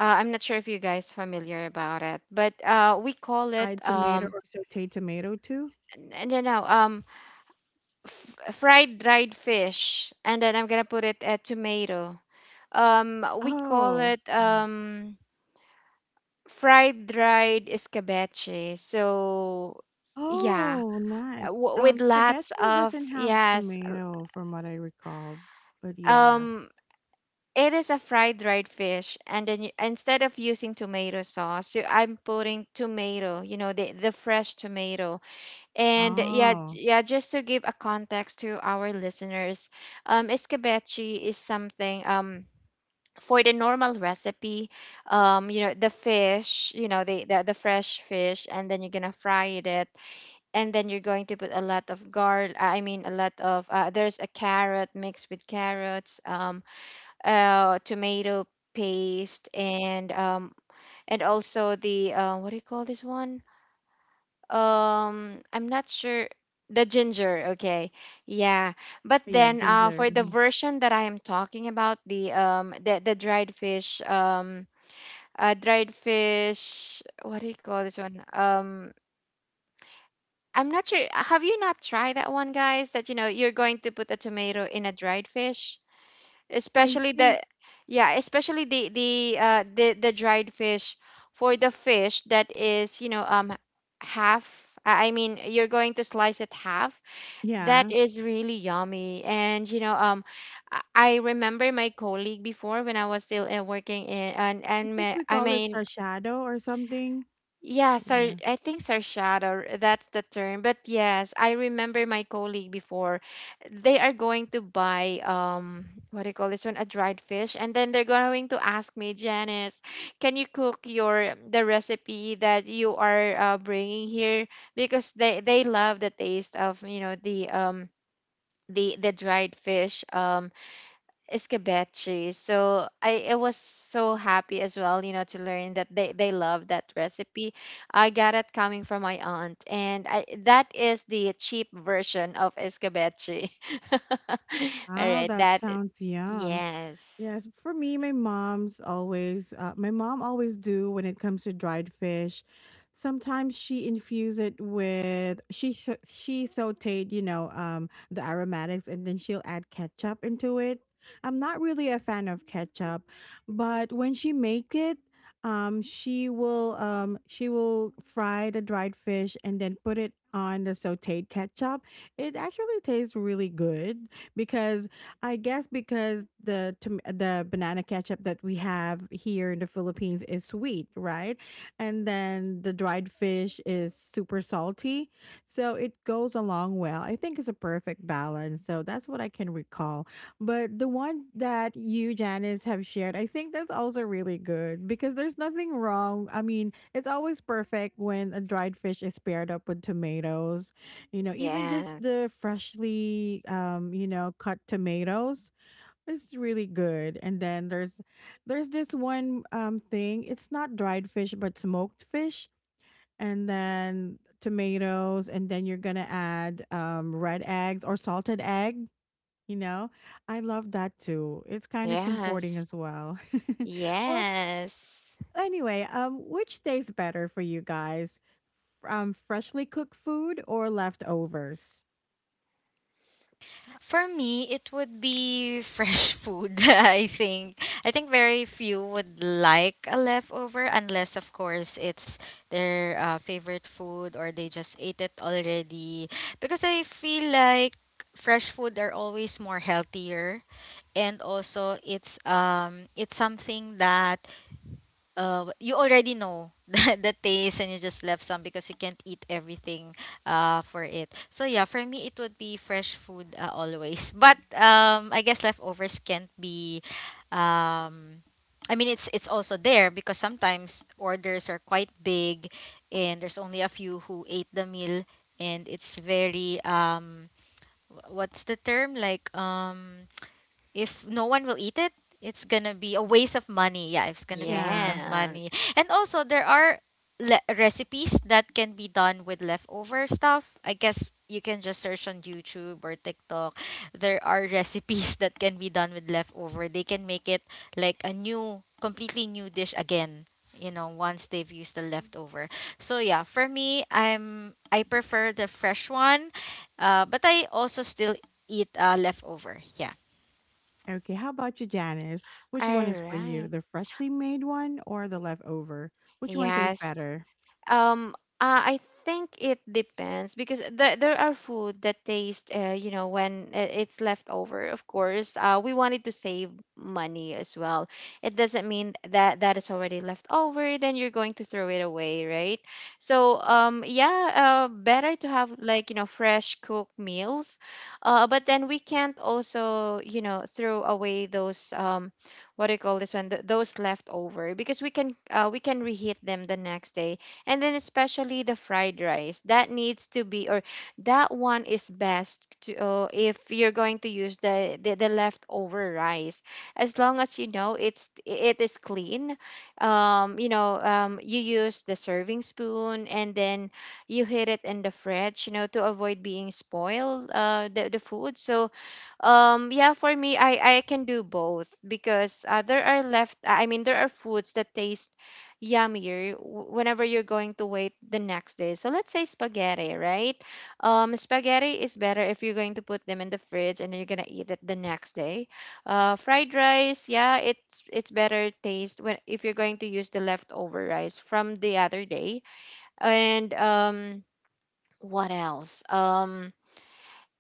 I'm not sure if you guys familiar about it, but we call it Fried tomato or sauteed tomato too? n- no no f- fried dried fish, and then I'm gonna put it at tomato. We call Oh it yeah. Fried dried escabeche. So yeah, Oh nice, with lots scabeche of, doesn't have yes, tomato from what I recall, but yeah. um. It is a fried dried fish, and then instead of using tomato sauce, I'm putting tomato, you know, the fresh tomato. And yeah, Oh yeah, just to give a context to our listeners, escabeche is something, um, for the normal recipe, you know, the fish, you know, the fresh fish, and then you're gonna fry it, and then you're going to put a lot of a lot of there's a carrot, mixed with carrots, tomato paste, and also the what do you call this one? I'm not sure The ginger, okay, yeah. But yeah, then ginger. for the Mhm. version that I am talking about, the the dried fish, dried fish, what do you call this one? Um i'm not sure have you not tried that one, guys, that, you know, you're going to put a tomato in a dried fish, I especially think. the yeah especially the dried fish, for the fish that is, you know, um, half. I mean, you're going to slice it half. That Yeah, is really yummy, and, you know, um, I remember my colleague before, when I was still working in, I and think my, we I call it mean sashado or something. yeah, sar Yeah. I think Sarsada, that's the term. But yes, I remember my colleague before. They are going to buy what do you call this one? A dried fish. And then they're going to ask me, Janice, can you cook your the recipe that you are bringing here? Because they love the taste of, you know, the dried fish. Um, escabeche. So I was so happy as well, you know, to learn that they love that recipe. I got it coming from my aunt, and that is the cheap version of escabeche. <laughs> All Wow, right, that that, sounds yum. yes, Yes, for me, my mom always do when it comes to dried fish. Sometimes she infuse it with she sauteed, you know, the aromatics, and then she'll add ketchup into it. I'm not really a fan of ketchup, but when she make it, she will fry the dried fish and then put it on the sauteed ketchup. It actually tastes really good because I guess because the the banana ketchup that we have here in the Philippines is sweet, right? And then the dried fish is super salty, so it goes along well. I think it's a perfect balance. So that's what I can recall. But the one that you Janice have shared, I think that's also really good because there's nothing wrong. I mean, it's always perfect when a dried fish is paired up with tomatoes, you know, even just the yes, freshly you know, cut tomatoes, it's really good. And then there's this one thing, it's not dried fish but smoked fish and then tomatoes and then you're going to add red eggs or salted egg, you know. I love that too. It's kind of comforting yes, as well. <laughs> Well, yes, anyway, which tastes better for you guys? Freshly cooked food or leftovers? For me, it would be fresh <laughs> food, I think. I think very few would like a leftover, unless, of course, it's their favorite food or they just ate it already. Because I feel like fresh food are always more healthier, and also it's something that you already know <laughs> the taste, and you just left some because you can't eat everything for it. So yeah, for me it would be fresh food, always. But um, I guess leftovers can't be um, I mean it's also there because sometimes orders are quite big and there's only a few who ate the meal, and it's very um, what's the term like, um, if no one will eat it, it's gonna be a waste of money. Yeah, it's gonna be a waste Yeah. of money. yes. And also there are recipes that can be done with leftover stuff. I guess you can just search on YouTube or TikTok. There are recipes <laughs> that can be done with leftover. They can make it like a new, completely new dish again, you know, once they've used the leftover. So yeah, for me, I prefer the fresh one, but I also still eat leftover. Yeah. Okay, how about you, Janice? Which one All is for you? right. The freshly made one or the leftover? Which one tastes Yes. better? Um, I think it depends, because there are food that taste, you know, when it's left over. Of course, we wanted to save money as well. It doesn't mean that that is already left over, then you're going to throw it away, right? So, yeah, better to have, like, you know, fresh cooked meals, but then we can't also, you know, throw away those what do you call this one? Those left over, because we can reheat them the next day, and then especially the fried rice that needs to be, or that one is best to, if you're going to use the leftover rice, as long as, you know, it's it is clean. Um, you know, um, you use the serving spoon, and then you hit it in the fridge, you know, to avoid being spoiled the food. So yeah, for me, I can do both, because there are left. I mean, there are foods that taste yummier whenever you're going to wait the next day. So let's say spaghetti, right? Spaghetti is better if you're going to put them in the fridge, and then you're gonna eat it the next day. Fried rice, yeah, it's better taste when if you're going to use the leftover rice from the other day. And what else?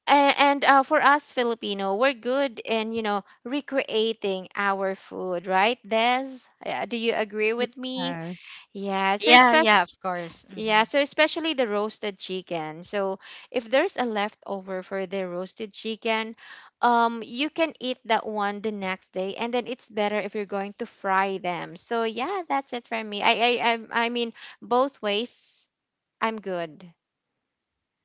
A- and For us Filipino, we're good in, you know, recreating our food, right, Des? Do you agree with me? Yes. Yeah. So Yeah, yeah, of especially, course. Mm-hmm. yeah, so especially the roasted chicken. So if there's a leftover for the roasted chicken, you can eat that one the next day, and then it's better if you're going to fry them. So yeah, that's it for me. I mean both ways, I'm good.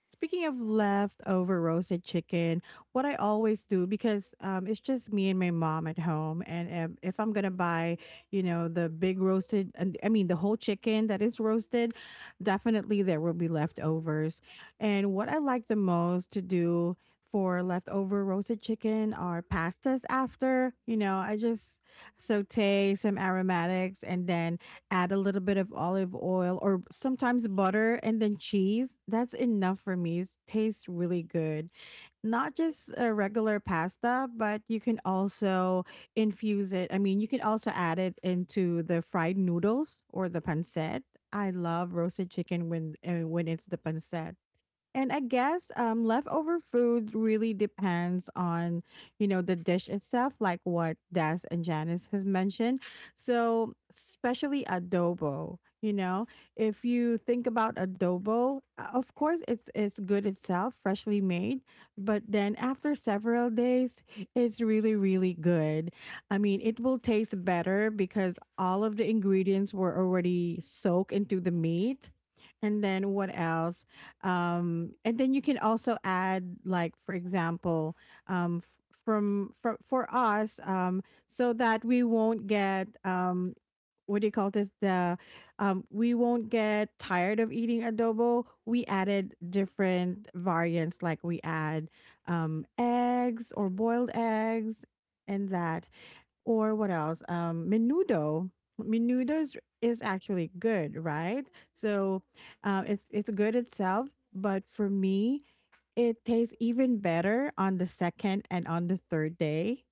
Speaking of leftover roasted chicken, what I always do because it's just me and my mom at home, and if I'm gonna buy, you know, the big roasted, and I mean the whole chicken that is roasted, definitely there will be leftovers. And what I like the most to do for leftover roasted chicken are pastas. After you know, I just saute some aromatics, and then add a little bit of olive oil or sometimes butter and then cheese. That's enough for me. It tastes really good. Not just a regular pasta, but you can also infuse it. I mean, you can also add it into the fried noodles or the pancit. I love roasted chicken when it's the pancit. And I guess leftover food really depends on, you know, the dish itself, like what Des and Janice has mentioned. So, especially adobo, you know, if you think about adobo, of course, it's good itself, freshly made, but then after several days, it's really really good. I mean, it will taste better because all of the ingredients were already soaked into the meat. And then what else? And then you can also add like for example um f- from for us so that we won't get what do you call this the we won't get tired of eating adobo, we added different variants like we add eggs or boiled eggs and that, or what else? Menudo. Menudo is actually good, right? So it's good itself, but for me, it tastes even better on the second and on the third day.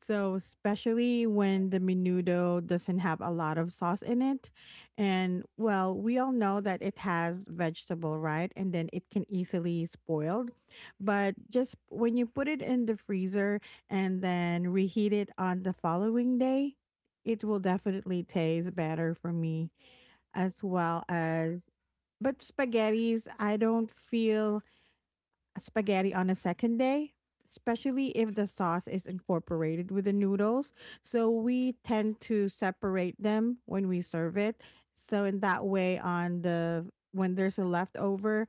So, especially when the menudo doesn't have a lot of sauce in it. And well, we all know that it has vegetable, right? And then it can easily spoiled. But just when you put it in the freezer and then reheat it on the following day, it will definitely taste better for me as well as, but spaghettis, I don't feel spaghetti on a second day, especially if the sauce is incorporated with the noodles. So we tend to separate them when we serve it. So in that way, on the when there's a leftover,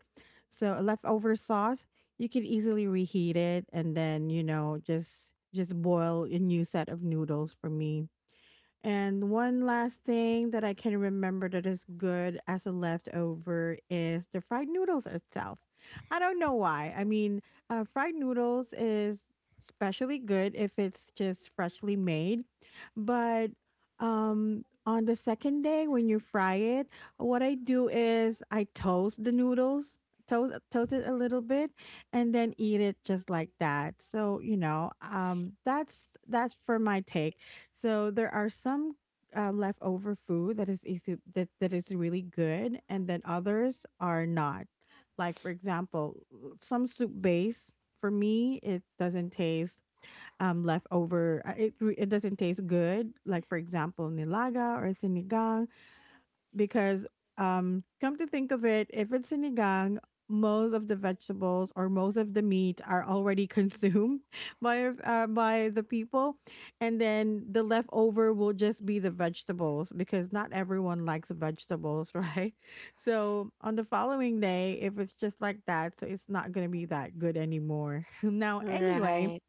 so a leftover sauce, you can easily reheat it and then you know just boil a new set of noodles for me. And one last thing that I can remember that is good as a leftover is the fried noodles itself. I don't know why. I mean, fried noodles is especially good if it's just freshly made. But on the second day when you fry it, what I do is I toast the noodles. Toast it a little bit and then eat it just like that so you know that's for my take. So there are some leftover food that is easy that is really good, and then others are not. Like for example, some soup base for me it doesn't taste leftover. It it doesn't taste good. Like for example, nilaga or sinigang because come to think of it, if it's sinigang, most of the vegetables or most of the meat are already <laughs> consumed by the people, and then the leftover will just be the vegetables because not everyone likes vegetables <laughs> right? So on the following day if it's just like that, so it's not going to be that good anymore. <laughs> Now anyway, Right.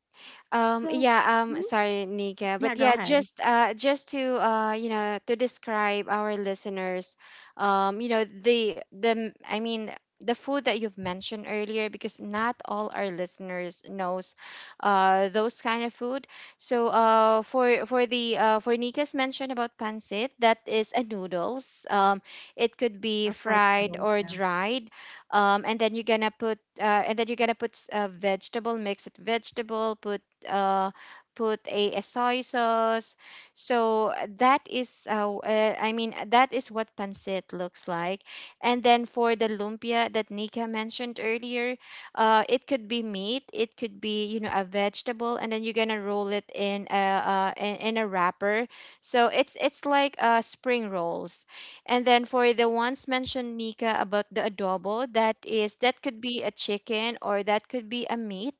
So Yeah, mhm. Sorry, Nika, Yeah, but go yeah, ahead. Just to you know, to describe our listeners, you know, the m- I mean the food that you've mentioned earlier, because not all our listeners knows those kind of food. So for the for Nika's mention about pancit, that is a noodles. It could A be fried fried noodles, or yeah. dried, and then you're gonna put s- vegetable mix it vegetable, uh, put a soy sauce. So that is, I mean, that is what pancit looks like. And then for the lumpia that Nika mentioned earlier, it could be meat, it could be, you know, a vegetable, and then you're gonna roll it in a in a wrapper. So it's like, spring rolls. And then for the ones mentioned Nika about the adobo, that is that could be a chicken, or that could be a meat,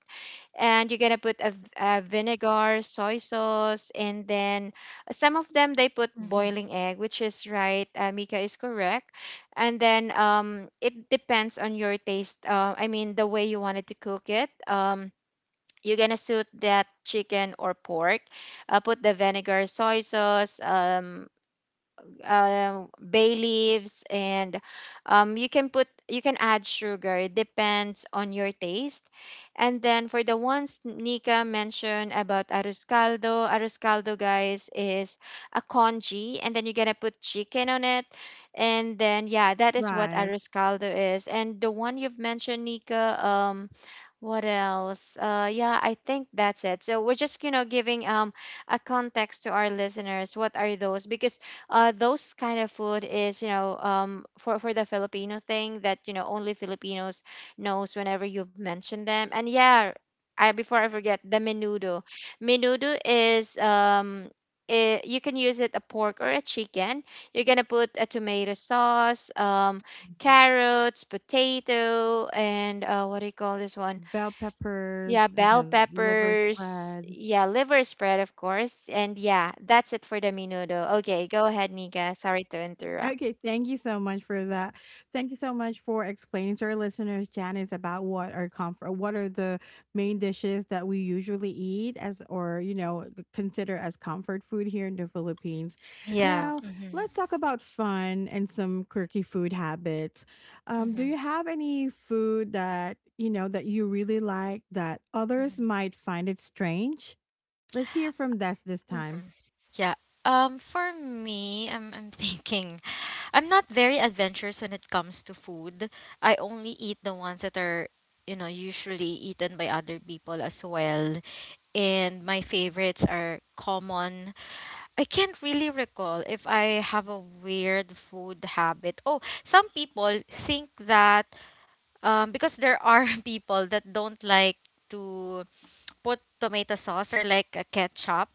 and you're gonna put a vinegar, soy sauce, and then some of them they put Mm-hmm. boiling egg, which is right. Mika is correct, and then it depends on your taste. I mean, the way you wanted to cook it. You're gonna suit that chicken or pork. Put the vinegar, soy sauce, bay leaves, and you can put, you can add sugar, it depends on your taste. And then for the ones Nika mentioned about arroz caldo, arroz caldo, guys, is a congee, and then you're gonna put chicken on it. And then yeah, that is what Right. arroz caldo is. And the one you've mentioned, Nika, what else? Yeah, I think that's it. So we're just, you know, giving, um, a context to our listeners. What are those? Because those kind of food is, you know, um, for the Filipino thing that, you know, only Filipinos knows whenever you've mentioned them. And yeah, I before I forget, the menudo. Menudo is. It, you can use it a pork or a chicken. You're gonna put a tomato sauce, carrots, potato, and what do you call this one? Bell Yeah, peppers and bell then liver peppers. spread. Yeah, liver spread, of course. And yeah, that's it for the menudo. Okay, go ahead, Nika. Sorry to interrupt. Okay, thank you so much for that. Thank you so much for explaining to our listeners, Janice, about what are comfort, what are the main dishes that we usually eat as, or you know, consider as comfort food here in the Philippines. Yeah. Now, Mm-hmm. let's talk about fun and some quirky food habits. Do you Mm-hmm. have any food that you know that you really like that others Mm-hmm. might find it strange? Let's hear from Des this time. Mm-hmm. Yeah. For me, I'm <laughs> thinking, I'm not very adventurous when it comes to food. I only eat the ones that are, you know, usually eaten by other people as well. And my favorites are common. I can't really recall if I have a weird food habit. Oh, some people think that, because there are <laughs> people that don't like to put tomato sauce or like a ketchup.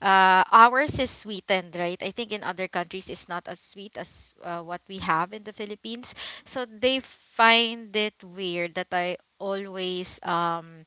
Ours is sweetened, right? I think in other countries it's not as sweet as what we have in the Philippines. So they find it weird that I always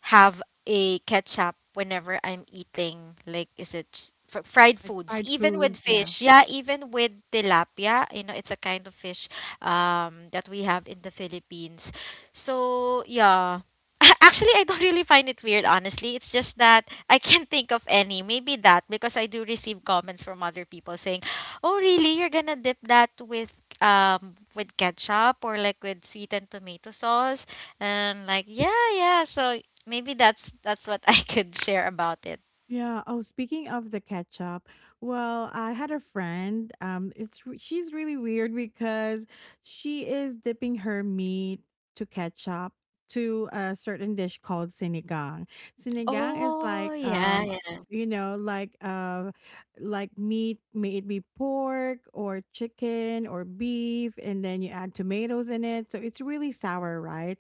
have a ketchup whenever I'm eating. Like, is it fried Like foods? fried Even with foods, yeah. fish, yeah, even with tilapia. You know, it's a kind of fish that we have in the Philippines. So yeah. <laughs> Actually, I don't really find it weird, honestly. It's just that I can't think of any. Maybe that, because I do receive comments from other people saying, "Oh, really? You're gonna dip that with ketchup or like with sweetened tomato sauce?" And like, yeah, yeah. So maybe that's what <laughs> I could share about it. Yeah. Oh, speaking of the ketchup, well, I had a friend. It's she's really weird because she is dipping her meat to ketchup to a certain dish called sinigang. Sinigang is Oh, like yeah, yeah. you know, like meat, may it be pork or chicken or beef, and then you add tomatoes in it. So it's really sour, right?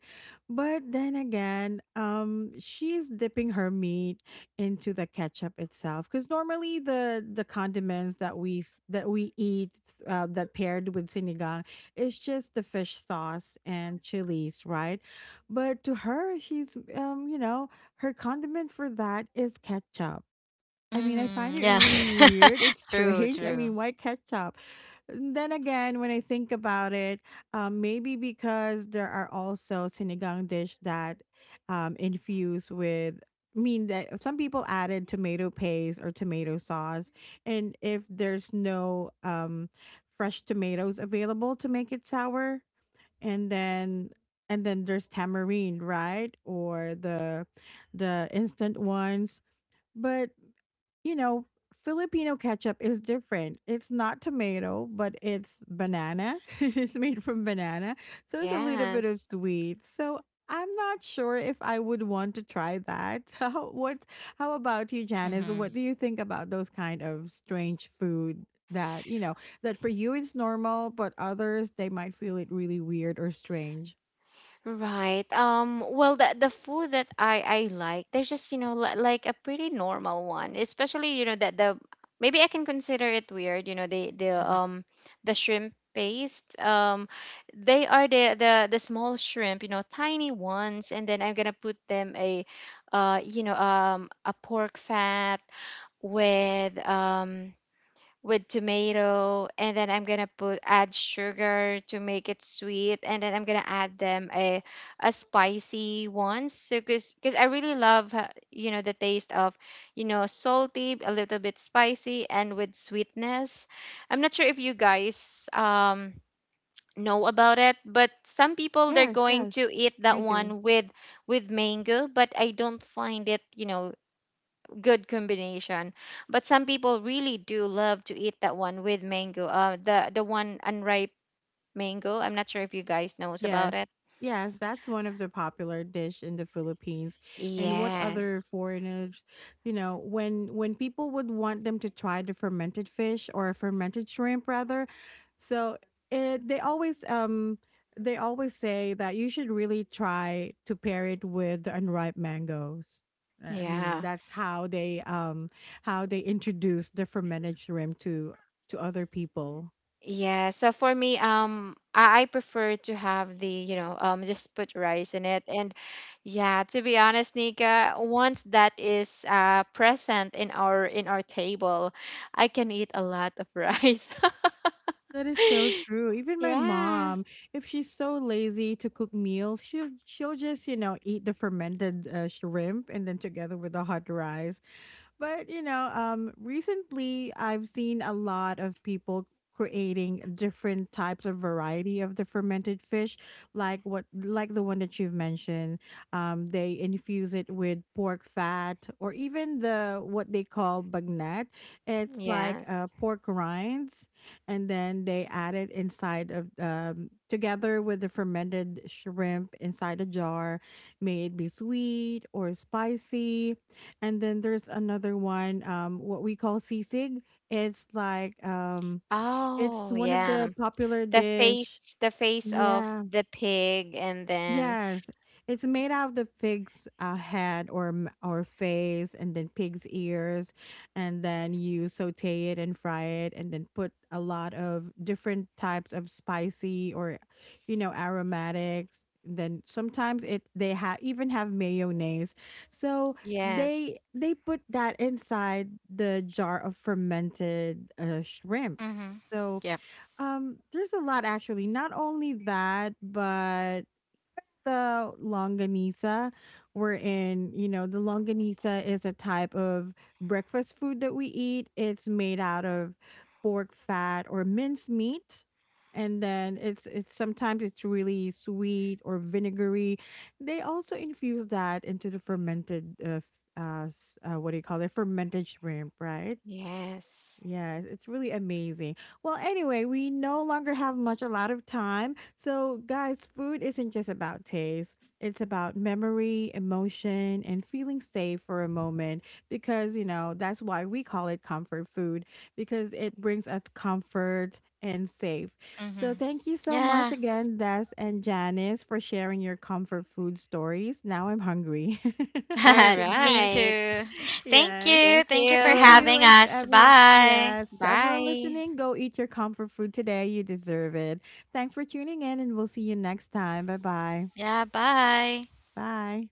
But then again, she's dipping her meat into the ketchup itself because normally the condiments that that we eat that paired with sinigang is just the fish sauce and chilies, right? But to her, she's you know, her condiment for that is ketchup. I mean, I Hmm, find it yeah. really weird. It's <laughs> True, strange. I true. mean, why ketchup? And then again, when I think about it, maybe because there are also sinigang dish that infuse with. I mean that some people added tomato paste or tomato sauce, and if there's no fresh tomatoes available to make it sour, and then and then there's tamarind, right, or the instant ones, but you know, Filipino ketchup is different. It's not tomato, but it's banana. <laughs> It's made from banana. So it's a little bit of Yes. sweet. So I'm not sure if I would want to try that. <laughs> How what how about you, Janice? What Mm-hmm. do you think about those kind of strange food that, you know, that for you it's normal, but others they might feel it really weird or strange? Right. Well, the food that I like, there's just, you know, li- like a pretty normal one, especially, you know, that the maybe I can consider it weird. You know, the Mm-hmm. The shrimp paste. They are the small shrimp, you know, tiny ones, and then I'm gonna put them you know, a pork fat with um with tomato, and then I'm gonna put add sugar to make it sweet, and then I'm gonna add a spicy one. So because I really love, you know, the taste of, you know, salty, a little bit spicy, and with sweetness. I'm not sure if you guys, um, know about it, but some people they're Yes, going to yes. eat that We do. one with mango, but I don't find it, you know, good combination. But some people really do love to eat that one with mango. The one unripe mango. I'm not sure if you guys knows about Yes. it. Yes, that's one of the popular dish in the Philippines. And what other Yes. foreigners, you know, when people would want them to try the fermented fish or fermented shrimp rather. So it, they always say that you should really try to pair it with the unripe mangoes. I mean, Yeah. that's how they introduce the fermented shrimp to other people. Yeah. So for me, I prefer to have the, you know, just put rice in it. And yeah, to be honest, Nika, once that is present in our table, I can eat a lot of rice. That is so <laughs> true. Even my Yeah. mom, if she's so lazy to cook meals, she'll just you know eat the fermented shrimp and then together with the hot rice. But you know, recently I've seen a lot of people creating different types of variety of the fermented fish, like what, like the one that you've mentioned. They infuse it with pork fat or even the what they call bagnat. It's like Yes. Pork rinds, and then they add it inside of together with the fermented shrimp inside a jar. May it be sweet or spicy, and then there's another one, what we call sisig. It's like it's Oh, one of yeah. the popular The dish. face, the face of Yeah. the pig, and then Yes, it's made out of the pig's head or or face, and then pig's ears, and then you saute it and fry it, and then put a lot of different types of spicy or, you know, aromatics. Then sometimes it they have even have mayonnaise, so yes, they put that inside the jar of fermented shrimp. Mm-hmm. So Yep. There's a lot actually. Not only that, but the longanisa, wherein, you know, the longanisa is a type of breakfast food that we eat. It's made out of pork fat or minced meat. And then it's sometimes it's really sweet or vinegary. They also infuse that into the fermented what do you call it? Fermented shrimp, right? yes, Yes, it's really amazing. Well, anyway, we no longer have much a lot of time. So, guys, food isn't just about taste. It's about memory, emotion, and feeling safe for a moment because, you know, that's why we call it comfort food because it brings us comfort and safe. Mm-hmm. So, thank you so Yeah. much again, Des and Janice, for sharing your comfort food stories. Now I'm hungry. <laughs> all What you <laughs> Me guys? right, too. <laughs> Thank Yes. you. thank Thank you for Thank you, you. having And to us. everyone, Bye. yes, to everyone bye. listening, go eat your comfort food today. You deserve it. Thanks for tuning in, and we'll see you next time. Bye-bye. Yeah, bye. Bye.